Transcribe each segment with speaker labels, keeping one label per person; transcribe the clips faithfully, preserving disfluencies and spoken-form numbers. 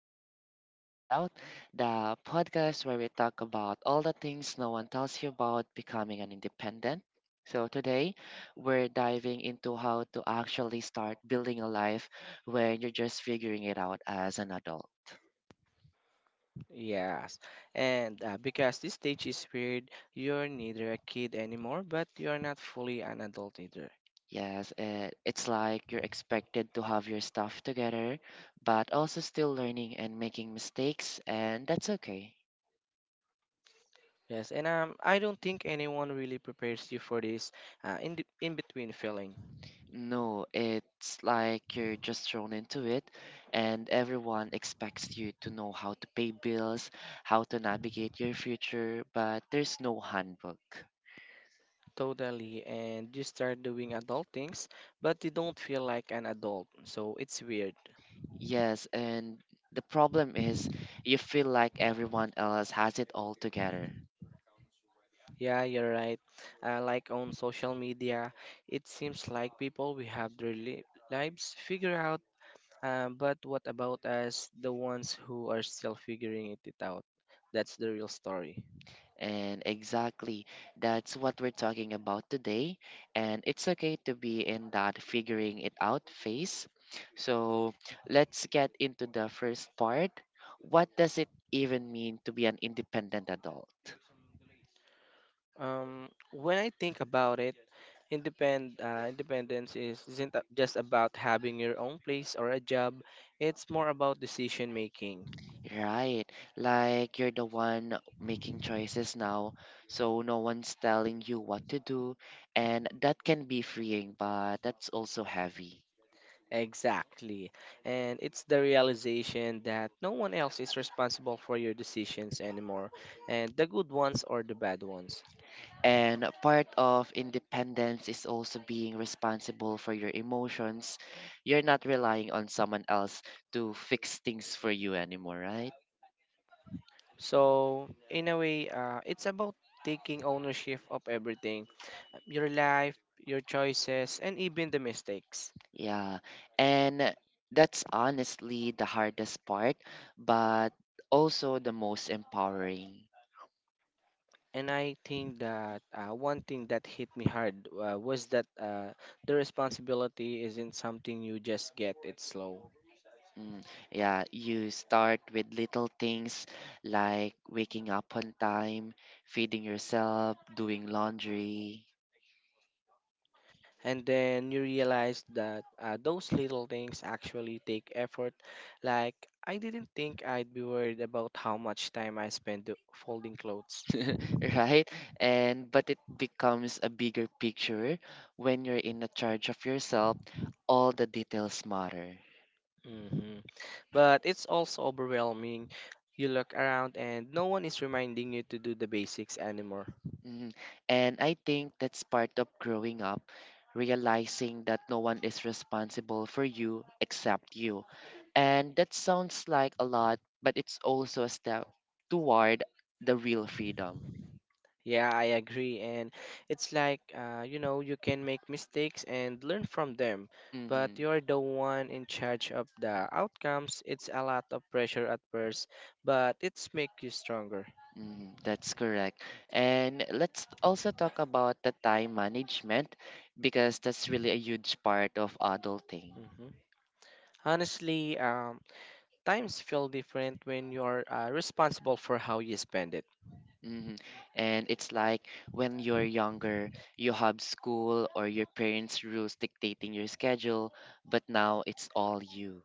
Speaker 1: back to Figuring It Out, the podcast where we talk about all the things no one tells you about becoming an independent. So, today we're diving into how to actually start building a life when you're just figuring it out as an adult.
Speaker 2: Yes, and uh, because this stage is weird, you're neither a kid anymore, but you're not fully an adult either.
Speaker 1: Yes, uh, it's like you're expected to have your stuff together, but also still learning and making mistakes, and that's okay.
Speaker 2: Yes, and um, I don't think anyone really prepares you for this uh, in the, in between feeling.
Speaker 1: No, it's like you're just thrown into it, and everyone expects you to know how to pay bills, how to navigate your future, but there's no handbook.
Speaker 2: Totally, and you start doing adult things, but you don't feel like an adult, so it's weird.
Speaker 1: Yes, and the problem is you feel like everyone else has it all together.
Speaker 2: Yeah, you're right. Uh, like on social media, it seems like people we have their li- lives figured out. Um, but what about us, the ones who are still figuring it it out? That's the real story.
Speaker 1: And exactly, that's what we're talking about today. And it's okay to be in that figuring it out phase. So let's get into the first part. What does it even mean to be an independent adult?
Speaker 2: Um, when I think about it, independ uh, independence is isn't a- just about having your own place or a job. It's more about decision making.
Speaker 1: Right, like you're the one making choices now, so no one's telling you what to do, and that can be freeing, but that's also heavy.
Speaker 2: Exactly. And it's the realization that no one else is responsible for your decisions anymore, and the good ones or the bad ones.
Speaker 1: And a part of independence is also being responsible for your emotions. You're not relying on someone else to fix things for you anymore, right?
Speaker 2: So, in a way, uh, it's about taking ownership of everything, your life, your choices, and even the mistakes.
Speaker 1: Yeah. And that's honestly the hardest part, but also the most empowering.
Speaker 2: And I think that uh, one thing that hit me hard uh, was that uh, the responsibility isn't something you just get, it's slow.
Speaker 1: Mm, yeah, you start with little things like waking up on time, feeding yourself, doing laundry.
Speaker 2: And then you realize that uh, those little things actually take effort. Like, I didn't think I'd be worried about how much time I spend do- folding clothes.
Speaker 1: Right? And but it becomes a bigger picture when you're in the charge of yourself, all the details matter.
Speaker 2: Mhm. But it's also overwhelming. You look around and no one is reminding you to do the basics anymore.
Speaker 1: Mhm. And I think that's part of growing up, realizing that no one is responsible for you except you. And that sounds like a lot, but it's also a step toward the real freedom.
Speaker 2: Yeah, I agree. And it's like, uh, you know, you can make mistakes and learn from them, but
Speaker 1: Hmm.
Speaker 2: you're the one in charge of the outcomes. It's a lot of pressure at first, but it's make you stronger.
Speaker 1: Mm, that's correct. And let's also talk about the time management because that's really a huge part of adulting.
Speaker 2: Mhm. Honestly, um, times feel different when you're uh, responsible for how you spend it.
Speaker 1: hmm And it's like when you're younger, you have school or your parents' rules dictating your schedule, but now it's all you.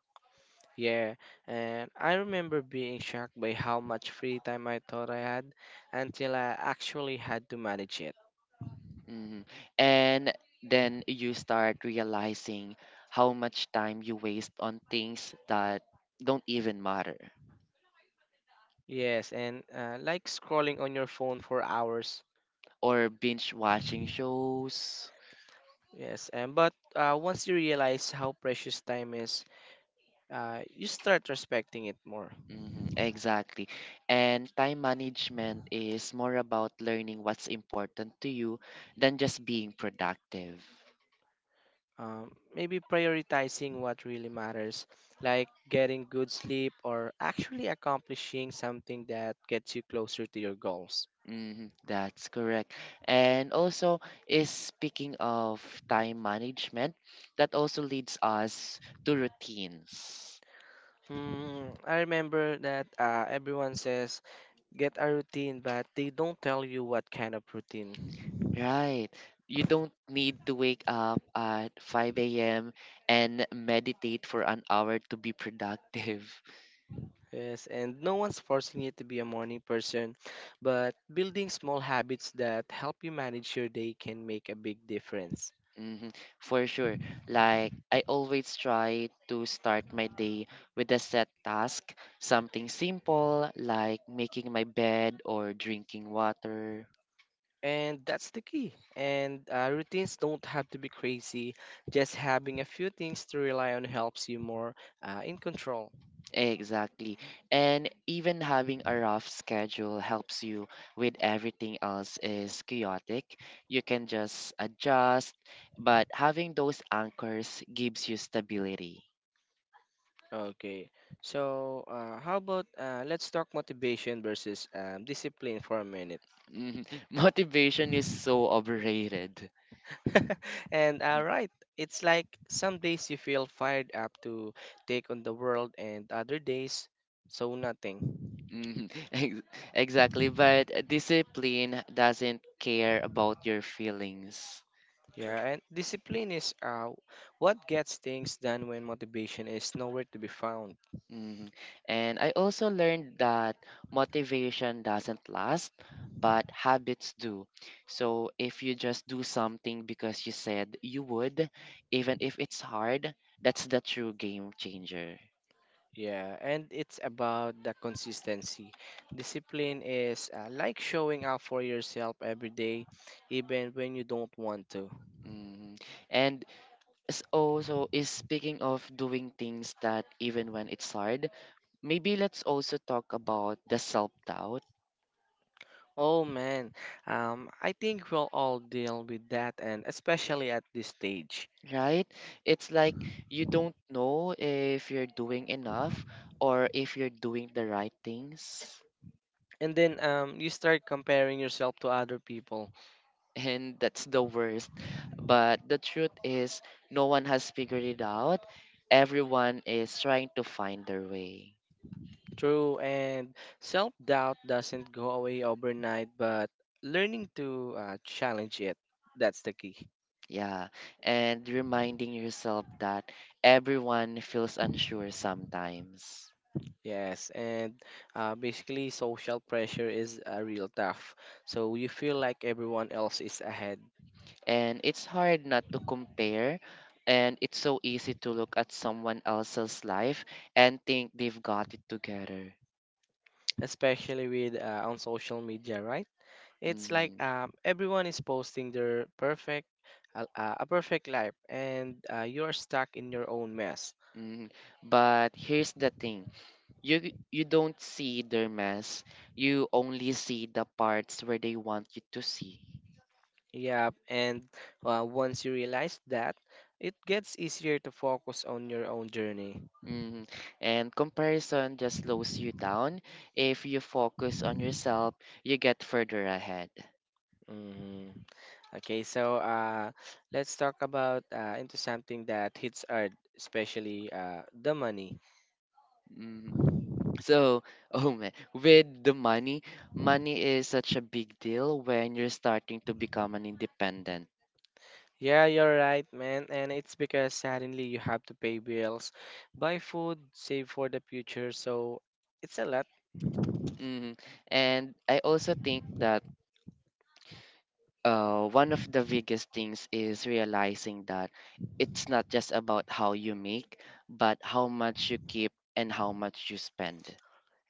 Speaker 2: Yeah, and I remember being shocked by how much free time I thought I had until I actually had to manage it.
Speaker 1: hmm And then you start realizing how much time you waste on things that don't even matter
Speaker 2: Yes, and uh, like scrolling on your phone for hours.
Speaker 1: or binge watching shows.
Speaker 2: Yes, and but uh, once you realize how precious time is, uh, you start respecting it more.
Speaker 1: Hmm, exactly. And time management is more about learning what's important to you than just being productive.
Speaker 2: Um, maybe prioritizing what really matters, like getting good sleep or actually accomplishing something that gets you closer to your goals.
Speaker 1: Hmm, that's correct. And also, is speaking of time management, that also leads us to routines.
Speaker 2: Mm, I remember that uh, everyone says get a routine, but they don't tell you what kind of routine.
Speaker 1: Right. You don't need to wake up at five a m and meditate for an hour to be productive.
Speaker 2: Yes, and no one's forcing you to be a morning person, but building small habits that help you manage your day can make a big difference.
Speaker 1: Hmm. For sure. Like, I always try to start my day with a set task, something simple like making my bed or drinking water.
Speaker 2: And that's the key. And uh, routines don't have to be crazy. Just having a few things to rely on helps you more uh, in control.
Speaker 1: Exactly. And even having a rough schedule helps you with everything else is chaotic. You can just adjust, but having those anchors gives you stability.
Speaker 2: Okay. So, uh, how about uh, let's talk motivation versus um, discipline for a minute.
Speaker 1: Mhm. Motivation is so overrated.
Speaker 2: and uh, right, it's like some days you feel fired up to take on the world, and other days, so nothing.
Speaker 1: Mhm. Ex- Exactly, but discipline doesn't care about your feelings.
Speaker 2: Yeah, and discipline is uh, what gets things done when motivation is nowhere to be found.
Speaker 1: Mhm. And I also learned that motivation doesn't last, but habits do. So if you just do something because you said you would, even if it's hard, that's the true game changer.
Speaker 2: Yeah, and it's about the consistency. Discipline is uh, like showing up for yourself every day, even when you don't want to.
Speaker 1: Mhm. And s- also is speaking of doing things that even when it's hard, maybe let's also talk about the self doubt.
Speaker 2: Oh man, um, I think we'll all deal with that, and especially at this stage.
Speaker 1: Right? It's like you don't know if you're doing enough or if you're doing the right things.
Speaker 2: And then um, you start comparing yourself to other people.
Speaker 1: And that's the worst. But the truth is, no one has figured it out. Everyone is trying to find their way.
Speaker 2: True, and self doubt doesn't go away overnight, but learning to uh, challenge it, that's the key.
Speaker 1: Yeah. And reminding yourself that everyone feels unsure sometimes.
Speaker 2: Yes, and uh, basically, social pressure is uh, real tough. So you feel like everyone else is ahead,
Speaker 1: And it's hard not to compare, and it's so easy to look at someone else's life and think they've got it together.
Speaker 2: especially with uh, on social media, right? It's like
Speaker 1: Hmm.
Speaker 2: um, everyone is posting their perfect. A, a perfect life, and uh, you're stuck in your own mess.
Speaker 1: Hmm. But here's the thing, you you don't see their mess, you only see the parts where they want you to see.
Speaker 2: Yeah, and uh, once you realize that, it gets easier to focus on your own journey.
Speaker 1: Hmm. And comparison just slows you down. If you focus on yourself, you get further ahead.
Speaker 2: Hmm Okay, so uh, let's talk about uh, into something that hits hard, especially uh, the money.
Speaker 1: Mm-hmm. So, oh man, with the money, money is such a big deal when you're starting to become an independent.
Speaker 2: Yeah, you're right, man, and it's because suddenly you have to pay bills, buy food, save for the future, so it's a lot.
Speaker 1: hmm And I also think that uh, one of the biggest things is realizing that it's not just about how you make, but how much you keep and how much you spend.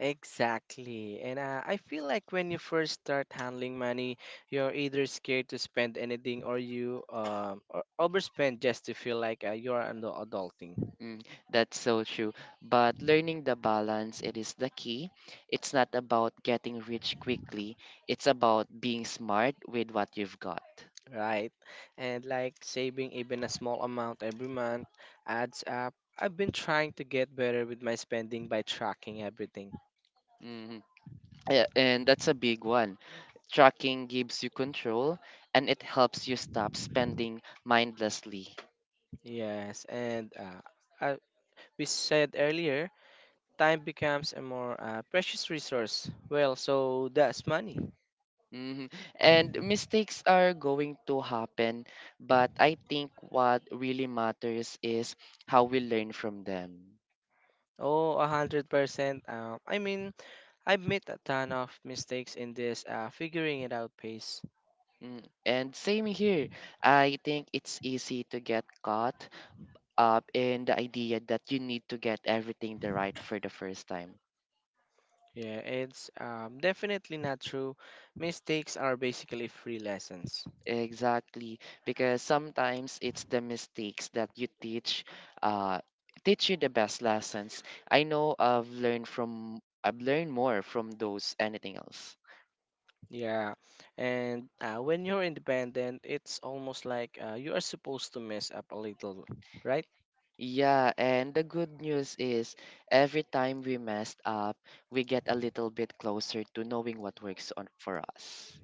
Speaker 2: Exactly. And uh, I feel like when you first start handling money, you're either scared to spend anything or you um or overspend just to feel like uh, you're an adulting,
Speaker 1: Mm, that's so true. But learning the balance, it is the key. It's not about getting rich quickly. It's about being smart with what you've got.
Speaker 2: right? And like saving even a small amount every month adds up. I've been trying to get better with my spending by tracking everything.
Speaker 1: Hmm. Yeah, and that's a big one. Tracking gives you control and it helps you stop spending mindlessly.
Speaker 2: Yes, and uh, I, we said earlier, time becomes a more uh, precious resource. Well, so that's money.
Speaker 1: hmm And mistakes are going to happen, but I think what really matters is how we learn from them.
Speaker 2: Oh, one hundred percent. Um, I mean, I've made a ton of mistakes in this uh, figuring it out pace.
Speaker 1: Mm, and same here. I think it's easy to get caught up in the idea that you need to get everything the right for the first time.
Speaker 2: Yeah, it's um, definitely not true. Mistakes are basically free lessons.
Speaker 1: Exactly, because sometimes it's the mistakes that you teach, uh, teach you the best lessons. I know I've learned from, I've learned more from those anything else.
Speaker 2: Yeah, and uh, when you're independent, it's almost like uh, you are supposed to mess up a little, right?
Speaker 1: Yeah, and the good news is every time we messed up, we get a little bit closer to knowing what works on for us.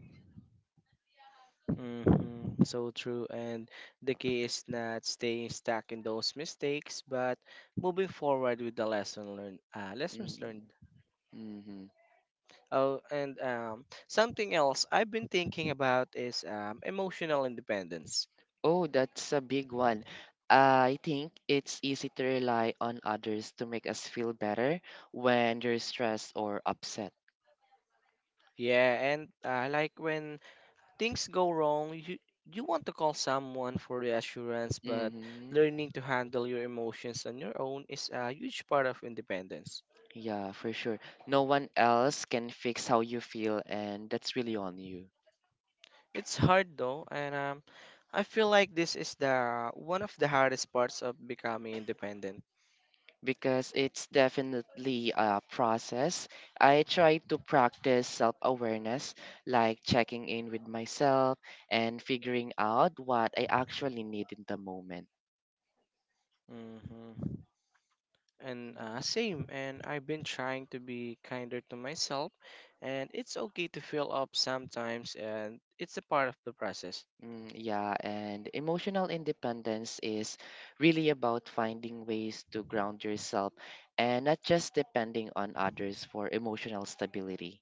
Speaker 2: hmm So true. And the key is not staying stuck in those mistakes, but moving forward with the lesson learned, uh,
Speaker 1: Mm,
Speaker 2: lessons learned.
Speaker 1: mm-hmm.
Speaker 2: Oh, and um, something else I've been thinking about is um, emotional independence.
Speaker 1: Oh, that's a big one. I think it's easy to rely on others to make us feel better when you're stressed or upset.
Speaker 2: Yeah, and uh, like when things go wrong, you you want to call someone for reassurance, but
Speaker 1: Hmm.
Speaker 2: learning to handle your emotions on your own is a huge part of independence.
Speaker 1: Yeah, for sure. No one else can fix how you feel, and that's really on you.
Speaker 2: It's hard though, and um, I feel like this is the one of the hardest parts of becoming independent.
Speaker 1: Because it's definitely a process. I try to practice self awareness, like checking in with myself and figuring out what I actually need in the moment.
Speaker 2: Hmm And uh, same, and I've been trying to be kinder to myself, and it's okay to feel up sometimes, and it's a part of the process.
Speaker 1: Mm, yeah, and emotional independence is really about finding ways to ground yourself and not just depending on others for emotional stability.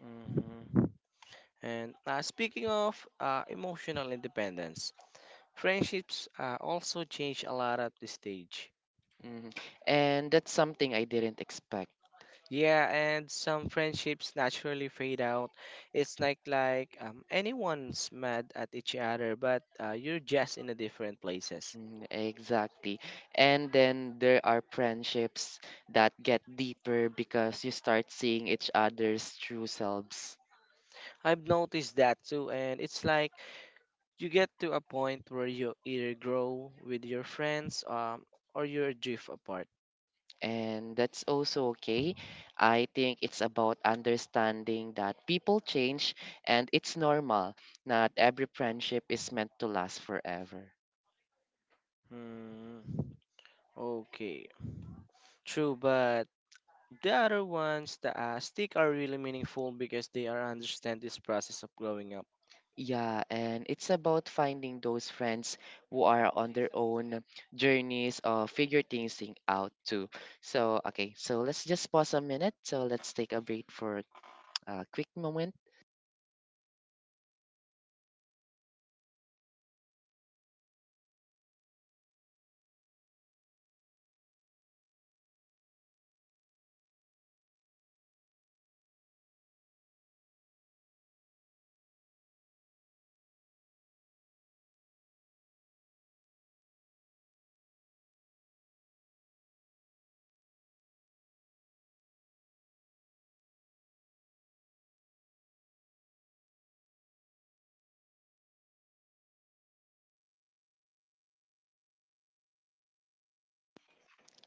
Speaker 2: Hmm And uh, speaking of uh, emotional independence, friendships uh, also change a lot at this stage.
Speaker 1: Mhm. And that's something I didn't expect.
Speaker 2: Yeah, and some friendships naturally fade out. It's like like um, anyone's mad at each other, but uh, you're just in a different places.
Speaker 1: Mm, exactly. And then there are friendships that get deeper because you start seeing each other's true selves.
Speaker 2: I've noticed that too, and it's like, you get to a point where you either grow with your friends um, or you drift apart.
Speaker 1: And that's also okay. I think it's about understanding that people change and it's normal. Not every friendship is meant to last forever.
Speaker 2: Hmm. Okay. True, but the other ones that uh, stick are really meaningful because they are understand this process of growing up.
Speaker 1: Yeah, and it's about finding those friends who are on their own journeys or figure things thing out too. So, okay, so let's just pause a minute. So, let's take a break for a quick moment.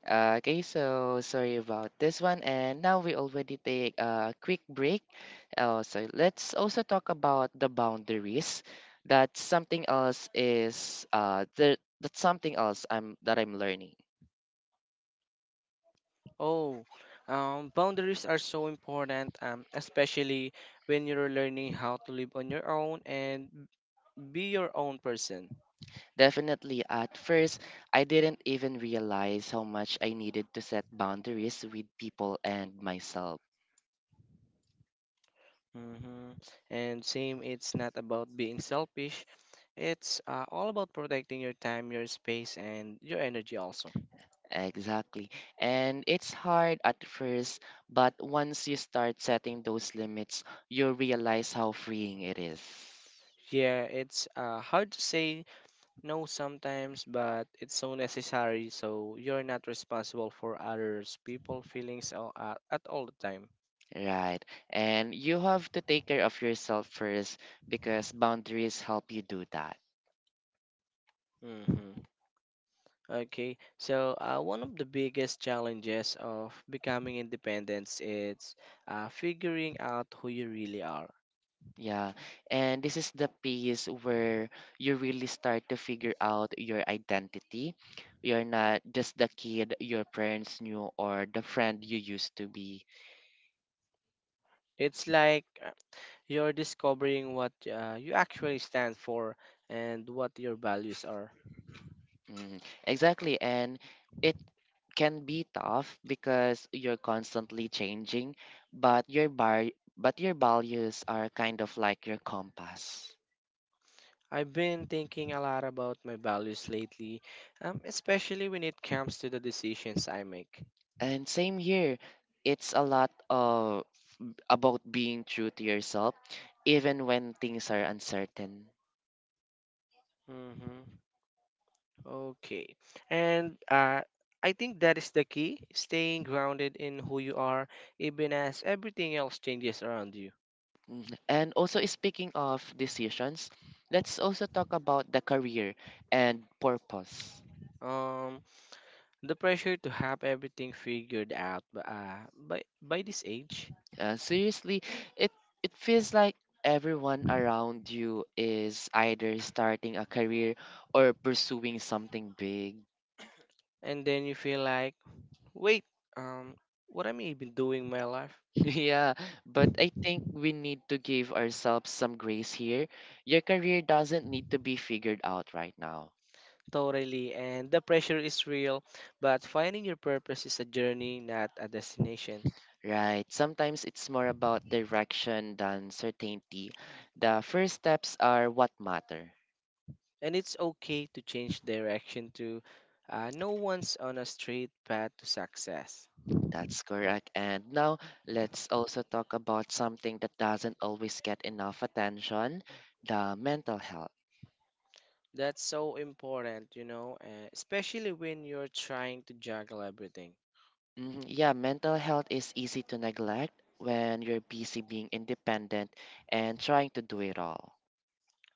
Speaker 1: Okay, so sorry about this one. And now we already take a quick break. Uh, so let's also talk about the boundaries. That something else is uh the that's something else I'm that I'm learning.
Speaker 2: Oh, um, boundaries are so important, um, especially when you're learning how to live on your own and be your own person.
Speaker 1: Definitely at first I didn't even realize how much I needed to set boundaries with people and myself.
Speaker 2: Mm-hmm. And same, it's not about being selfish. It's uh, all about protecting your time, your space, and your energy also.
Speaker 1: Exactly. And it's hard at first, but once you start setting those limits, you realize how freeing it is.
Speaker 2: Yeah, it's uh, hard to say no sometimes, but it's so necessary. So you're not responsible for others, people, feelings all, uh, at all the time.
Speaker 1: Right. And you have to take care of yourself first because boundaries help you do that.
Speaker 2: Mm-hmm. Okay, so uh, one of the biggest challenges of becoming independent is uh, figuring out who you really are.
Speaker 1: Yeah. And this is the piece where you really start to figure out your identity. You're not just the kid your parents knew or the friend you used to be.
Speaker 2: It's like uh, you're discovering what uh, you actually stand for and what your values are.
Speaker 1: Mm, exactly. And it can be tough because you're constantly changing, but your bar but your values are kind of like your compass.
Speaker 2: I've been thinking a lot about my values lately, um, especially when it comes to the decisions I make.
Speaker 1: And same here, it's a lot of about being true to yourself even when things are uncertain.
Speaker 2: Mm-hmm. Okay. And uh, I think that is the key, staying grounded in who you are, even as everything else changes around you.
Speaker 1: Mm, and also speaking of decisions, let's also talk about the career and purpose.
Speaker 2: Um, the pressure to have everything figured out b- uh, by, by this age,
Speaker 1: Uh, seriously, it it feels like everyone around you is either starting a career or pursuing something big.
Speaker 2: and then you feel like, wait, um, what am I even doing in my life?
Speaker 1: Yeah, but I think we need to give ourselves some grace here. Your career doesn't need to be figured out right now.
Speaker 2: Totally, and the pressure is real, but finding your purpose is a journey, not a destination.
Speaker 1: Right. Sometimes it's more about direction than certainty. The first steps are what matter.
Speaker 2: And it's okay to change direction to, uh, no one's on a straight path to success.
Speaker 1: That's correct. And now let's also talk about something that doesn't always get enough attention, the mental health.
Speaker 2: That's so important, you know, uh, especially when you're trying to juggle everything.
Speaker 1: Hmm. Yeah, mental health is easy to neglect when you're busy being independent and trying to do it all.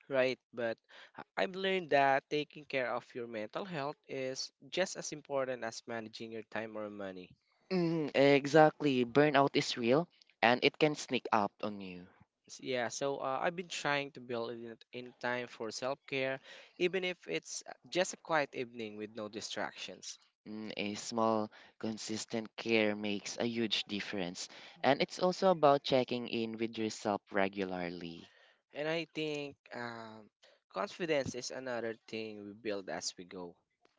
Speaker 2: Right, but I- I've learned that taking care of your mental health is just as important as managing your time or money.
Speaker 1: Mm, exactly. Burnout is real and it can sneak up on you.
Speaker 2: S- Yeah, so uh, I've been trying to build in, in time for self care, even if it's uh, just a quiet evening with no distractions.
Speaker 1: Mm, a small, consistent care makes a huge difference. And it's also about checking in with yourself regularly.
Speaker 2: And I think um, confidence is another thing we build as we go.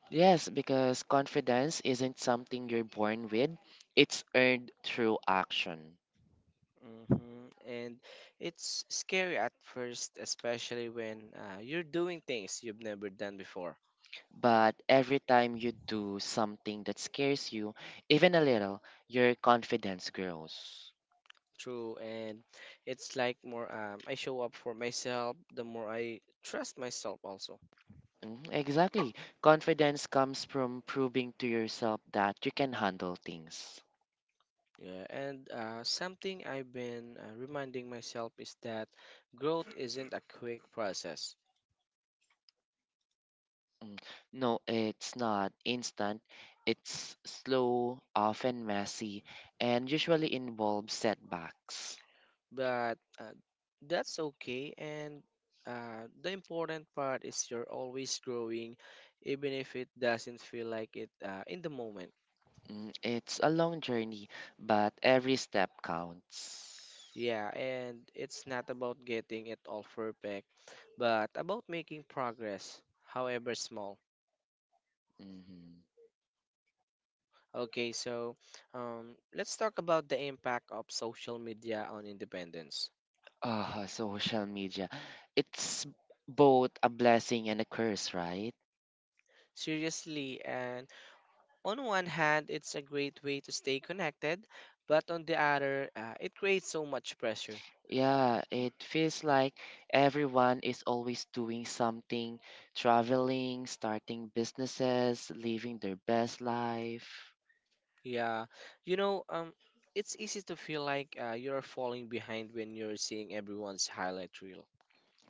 Speaker 1: Yes, because confidence isn't something you're born with, it's earned through action.
Speaker 2: Hmm And it's scary at first, especially when uh, you're doing things you've never done before.
Speaker 1: But every time you do something that scares you, even a little, your confidence grows.
Speaker 2: True, and it's like more um, I show up for myself, the more I trust myself also.
Speaker 1: Mhm, exactly. Confidence comes from proving to yourself that you can handle things.
Speaker 2: Yeah, and uh, something I've been uh, reminding myself is that growth isn't a quick process,
Speaker 1: Mm, no, it's not instant. It's slow, often messy, and usually involves setbacks.
Speaker 2: but uh, that's okay. And uh, the important part is you're always growing, even if it doesn't feel like it uh, in the moment.
Speaker 1: Mm, it's a long journey, but every step counts.
Speaker 2: Yeah, and it's not about getting it all perfect, but about making progress, however small.
Speaker 1: hmm
Speaker 2: Okay, so um, let's talk about the impact of social media on independence.
Speaker 1: Ah, social media. It's both a blessing and a curse, right?
Speaker 2: Seriously, and on one hand, it's a great way to stay connected, but on the other, uh, it creates so much pressure.
Speaker 1: Yeah, it feels like everyone is always doing something, traveling, starting businesses, living their best life.
Speaker 2: Yeah, you know, um, it's easy to feel like uh, you're falling behind when you're seeing everyone's highlight reel.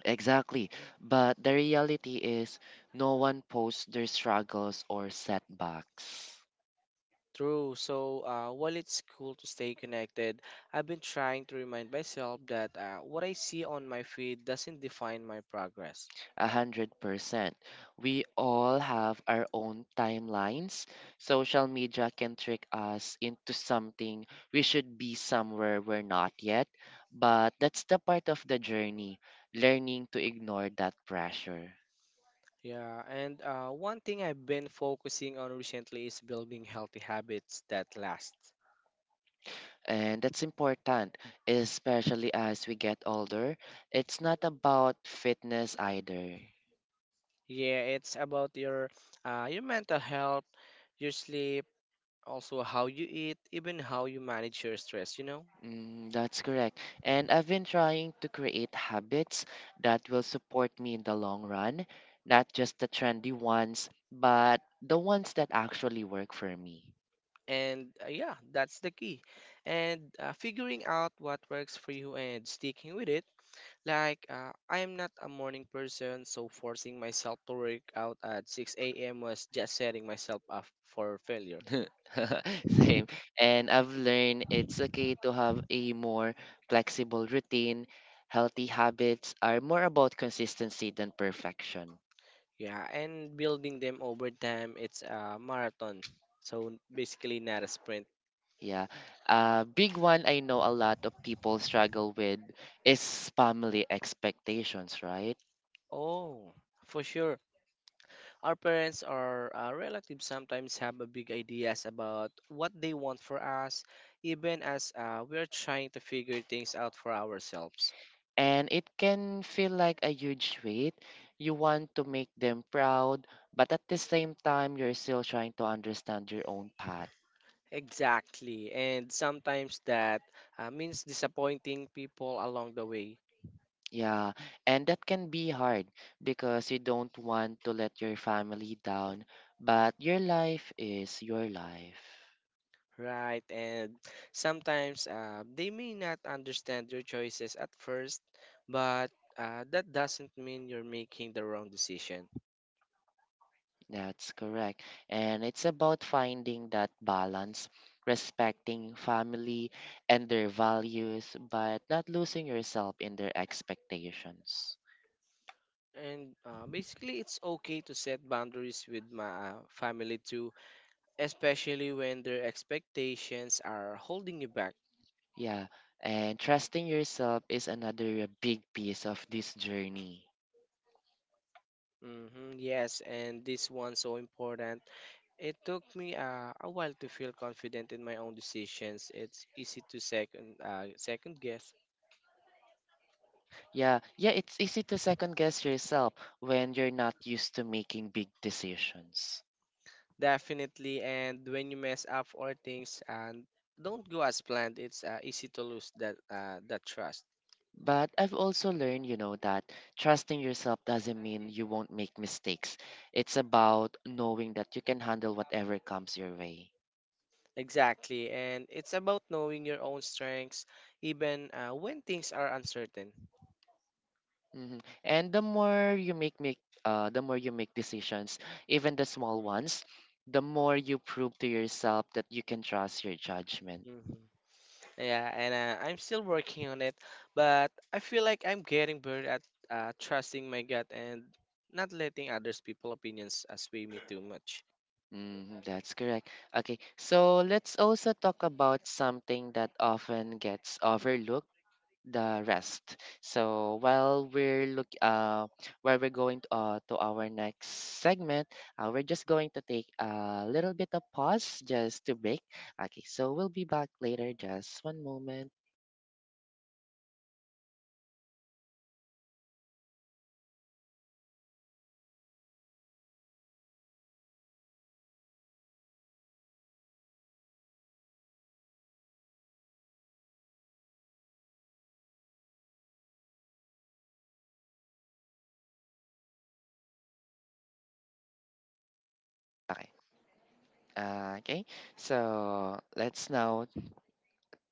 Speaker 1: Exactly. But the reality is, no one posts their struggles or setbacks.
Speaker 2: True. So uh, while it's cool to stay connected, I've been trying to remind myself that uh, what I see on my feed doesn't define my progress.
Speaker 1: A hundred percent. We all have our own timelines. Social media can trick us into something we should be somewhere we're not yet, but that's the part of the journey, learning to ignore that pressure.
Speaker 2: Yeah, and uh, one thing I've been focusing on recently is building healthy habits that last.
Speaker 1: And that's important, especially as we get older. It's not about fitness either.
Speaker 2: Yeah, it's about your uh, your mental health, your sleep, also how you eat, even how you manage your stress, you know?
Speaker 1: Mm, that's correct. And I've been trying to create habits that will support me in the long run, not just the trendy ones, but the ones that actually work for me.
Speaker 2: And uh, yeah, that's the key. And uh, figuring out what works for you and sticking with it. Like, uh, I am not a morning person, so forcing myself to work out at six a m was just setting myself up for failure.
Speaker 1: Same. And I've learned it's okay to have a more flexible routine. Healthy habits are more about consistency than perfection.
Speaker 2: Yeah, and building them over time, it's a marathon. So basically, not a sprint.
Speaker 1: Yeah. A big one I know a lot of people struggle with is family expectations, right?
Speaker 2: Oh, for sure. Our parents or uh, relatives sometimes have a big ideas about what they want for us, even as uh, we are trying to figure things out for ourselves.
Speaker 1: And it can feel like a huge weight. You want to make them proud, but at the same time, you're still trying to understand your own path.
Speaker 2: Exactly, and sometimes that uh, means disappointing people along the way,
Speaker 1: Yeah, and that can be hard because you don't want to let your family down, but your life is your life.
Speaker 2: right? And sometimes uh, they may not understand your choices at first, but uh, that doesn't mean you're making the wrong decision.
Speaker 1: That's correct. And it's about finding that balance, respecting family and their values, but not losing yourself in their expectations.
Speaker 2: And uh, basically, it's okay to set boundaries with my uh, family too especially when their expectations are holding you back.
Speaker 1: Yeah, and trusting yourself is another big piece of this journey.
Speaker 2: Hmm, yes, and this one's so important. It took me uh, a while to feel confident in my own decisions. It's easy to second uh, second guess.
Speaker 1: Yeah, yeah, it's easy to second guess yourself when you're not used to making big decisions.
Speaker 2: Definitely. And when you mess up or things and don't go as planned, it's uh, easy to lose that uh, that trust.
Speaker 1: But I've also learned, you know, that trusting yourself doesn't mean you won't make mistakes. It's about knowing that you can handle whatever comes your way.
Speaker 2: Exactly, and it's about knowing your own strengths, even uh, when things are uncertain.
Speaker 1: Mhm. And the more you make make uh the more you make decisions, even the small ones, the more you prove to yourself that you can trust your judgment.
Speaker 2: Hmm. Yeah, and uh, I'm still working on it, but I feel like I'm getting better at uh, trusting my gut and not letting others people opinions uh, sway me too much.
Speaker 1: Mm, that's correct. Okay, so let's also talk about something that often gets overlooked, the rest. So while we're look uh while we're going to, uh, to our next segment, uh, we're just going to take a little bit of pause just to break. Okay, so we'll be back later. Just one moment. Okay. Uh, okay. So let's now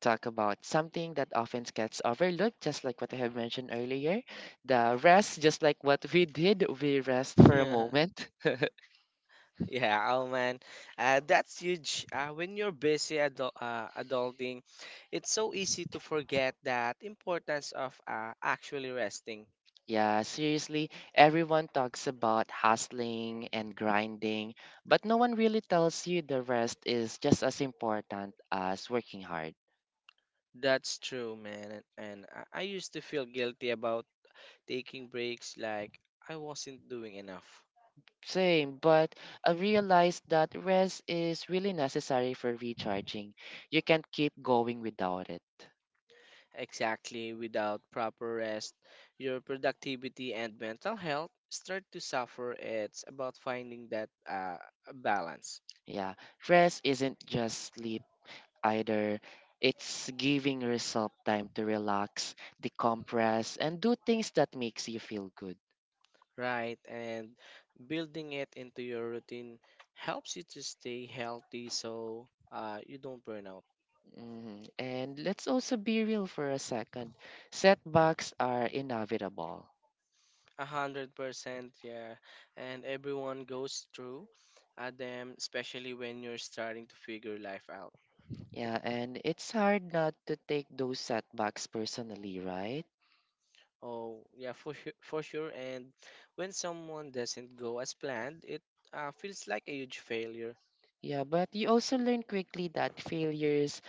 Speaker 1: talk about something that often gets overlooked, just like what I have mentioned earlier. The rest, just like what we did, we rest for a moment.
Speaker 2: Yeah, oh man, uh, that's huge. Uh, when you're busy adul- uh, adulting, it's so easy to forget that importance of uh, actually resting.
Speaker 1: Yeah, seriously, everyone talks about hustling and grinding, but no one really tells you the rest is just as important as working hard.
Speaker 2: That's true, man. And, and I I used to feel guilty about taking breaks, like I wasn't doing enough.
Speaker 1: Same, but I realized that rest is really necessary for recharging. You can't keep going without it.
Speaker 2: Exactly, without proper rest, your productivity and mental health start to suffer. It's about finding that uh, balance,
Speaker 1: Yeah, rest isn't just sleep either. It's giving yourself time to relax, decompress, and do things that makes you feel good.
Speaker 2: right? And building it into your routine helps you to stay healthy so uh, you don't burn out.
Speaker 1: Mhm. And let's also be real for a second. Setbacks are inevitable.
Speaker 2: A hundred percent, yeah. And everyone goes through uh, them, especially when you're starting to figure life out.
Speaker 1: Yeah, and it's hard not to take those setbacks personally, right?
Speaker 2: Oh, yeah, for sure, for sure. And when someone doesn't go as planned, it uh, feels like a huge failure.
Speaker 1: Yeah, but you also learn quickly that failures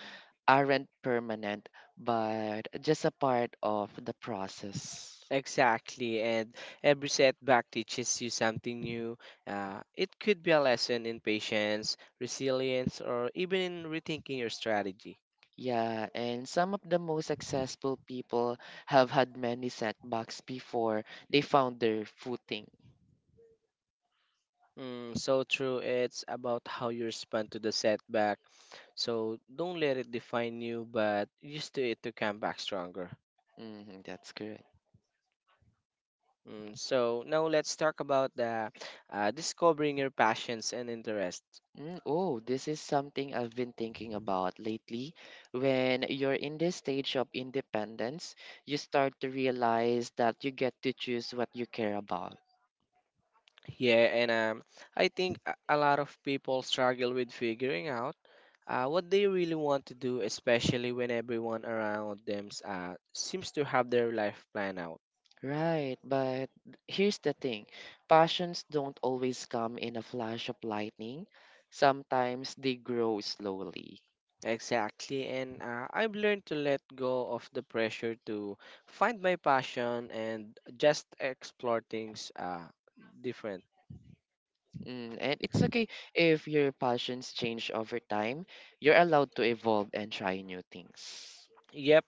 Speaker 1: aren't permanent, but just a part of the process.
Speaker 2: Exactly, and every setback teaches you something new. Uh, it could be a lesson in patience, resilience, or even in rethinking your strategy.
Speaker 1: Yeah, and some of the most successful people have had many setbacks before they found their footing.
Speaker 2: Mm, so true, it's about how you respond to the setback. So don't let it define you, but use to it to come back stronger.
Speaker 1: Mm, that's correct.
Speaker 2: Mm, so now let's talk about the uh, discovering your passions and interests.
Speaker 1: Mm, oh, this is something I've been thinking about lately. When you're in this stage of independence, you start to realize that you get to choose what you care about.
Speaker 2: Yeah, and um, I think a a lot of people struggle with figuring out uh, what they really want to do, especially when everyone around them uh, seems to have their life planned out.
Speaker 1: Right, but here's the thing, passions don't always come in a flash of lightning, sometimes they grow slowly.
Speaker 2: Exactly, and uh, I've learned to let go of the pressure to find my passion and just explore things uh, different.
Speaker 1: Mm, and it's okay if your passions change over time. You're allowed to evolve and try new things.
Speaker 2: Yep.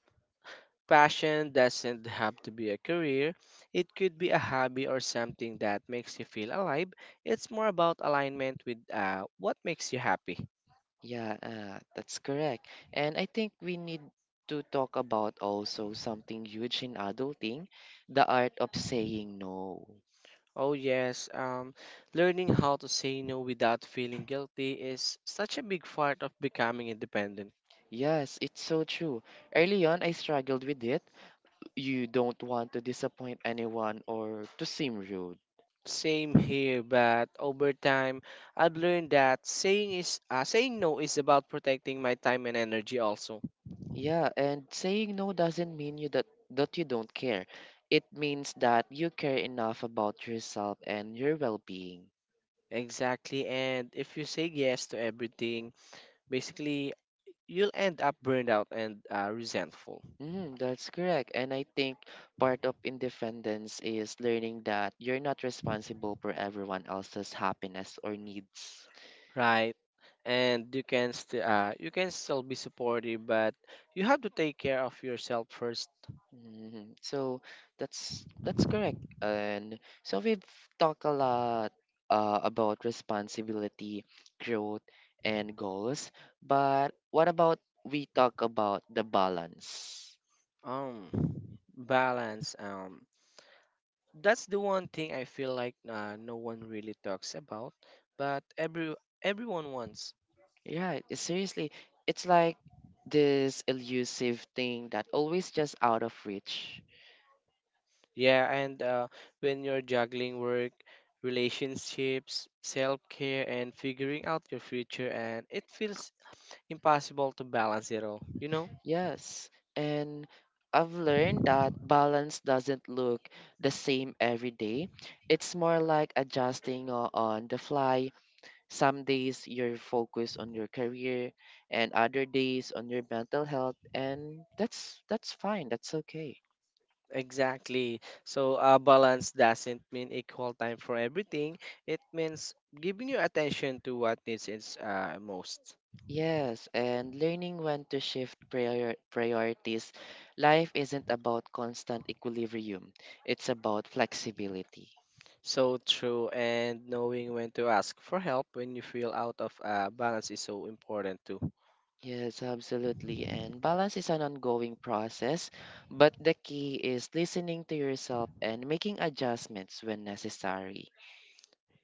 Speaker 2: Passion doesn't have to be a career. It could be a hobby or something that makes you feel alive. It's more about alignment with uh, what makes you happy.
Speaker 1: Yeah, uh, that's correct. And I think we need to talk about also something huge in adulting, the art of saying no.
Speaker 2: Oh, yes, um, learning how to say no without feeling guilty is such a big part of becoming independent.
Speaker 1: Yes, it's so true. Early on, I struggled with it. You don't want to disappoint anyone or to seem rude.
Speaker 2: Same here, but over time, I've learned that saying is uh, saying no is about protecting my time and energy also.
Speaker 1: Yeah, and saying no doesn't mean you that that you don't care. It means that you care enough about yourself and your well-being.
Speaker 2: Exactly, and if you say yes to everything, basically you'll end up burned out and uh, resentful,
Speaker 1: Mm, that's correct. And I think part of independence is learning that you're not responsible for everyone else's happiness or needs.
Speaker 2: right? And you can still uh, you can still be supportive, but you have to take care of yourself first.
Speaker 1: Mhm. So that's that's correct. And so we've talked a lot uh, about responsibility, growth, and goals. But what about we talk about the balance?
Speaker 2: Um, Balance. Um, that's the one thing I feel like uh, no one really talks about, but every everyone wants.
Speaker 1: Yeah, it- seriously, it's like this elusive thing that always just out of reach.
Speaker 2: Yeah, and uh, when you're juggling work, relationships, self care, and figuring out your future, and it feels impossible to balance it all. You know.
Speaker 1: Yes, and I've learned that balance doesn't look the same every day. It's more like adjusting o- on the fly. Some days you're focused on your career and other days on your mental health, and that's that's fine, that's okay.
Speaker 2: Exactly. So a balance doesn't mean equal time for everything. It means giving your attention to what needs it uh, most.
Speaker 1: Yes, and learning when to shift prior priorities. Life isn't about constant equilibrium. It's about flexibility.
Speaker 2: So true, and knowing when to ask for help when you feel out of uh, balance is so important too.
Speaker 1: Yes, absolutely. And balance is an ongoing process, but the key is listening to yourself and making adjustments when necessary.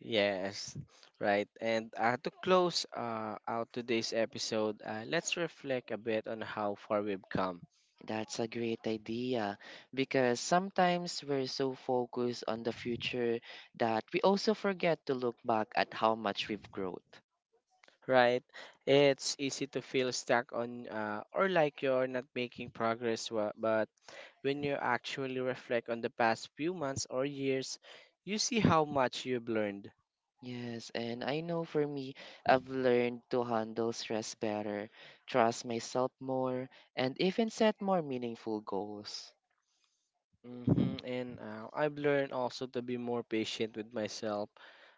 Speaker 2: Yes, right. And uh, to close uh, out today's episode, uh, let's reflect a bit on how far we've come.
Speaker 1: That's a great idea because sometimes we're so focused on the future that we also forget to look back at how much we've grown.
Speaker 2: Right? It's easy to feel stuck on uh, or like you're not making progress, wa- but when you actually reflect on the past few months or years, you see how much you've learned.
Speaker 1: Yes, and I know for me, I've learned to handle stress better, trust myself more, and even set more meaningful goals.
Speaker 2: Hmm. And uh, I've learned also to be more patient with myself,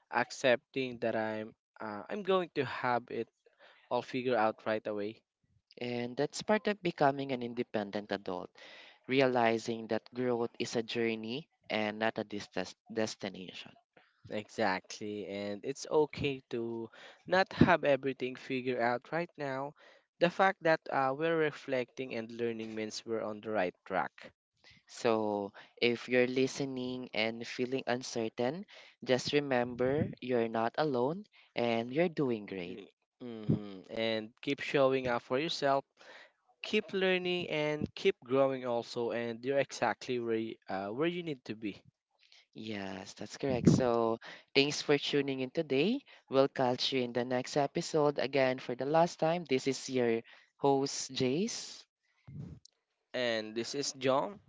Speaker 2: accepting that I'm uh, I'm going to have it all figured out right away.
Speaker 1: And that's part of becoming an independent adult, realizing that growth is a journey and not a dis- des- destination.
Speaker 2: Exactly, and it's okay to not have everything figured out right now. The fact that uh, we're reflecting and learning means we're on the right track.
Speaker 1: So, if you're listening and feeling uncertain, just remember you're not alone and you're doing great.
Speaker 2: Mm-hmm. And keep showing up for yourself keep learning and keep growing also and you're exactly where you, uh, where you need to be.
Speaker 1: Yes, that's correct. So, thanks for tuning in today. We'll catch you in the next episode. Again, for the last time, this is your host, Jace.
Speaker 2: And this is John.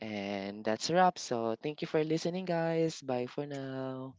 Speaker 1: And that's a wrap. So, thank you for listening, guys. Bye for now.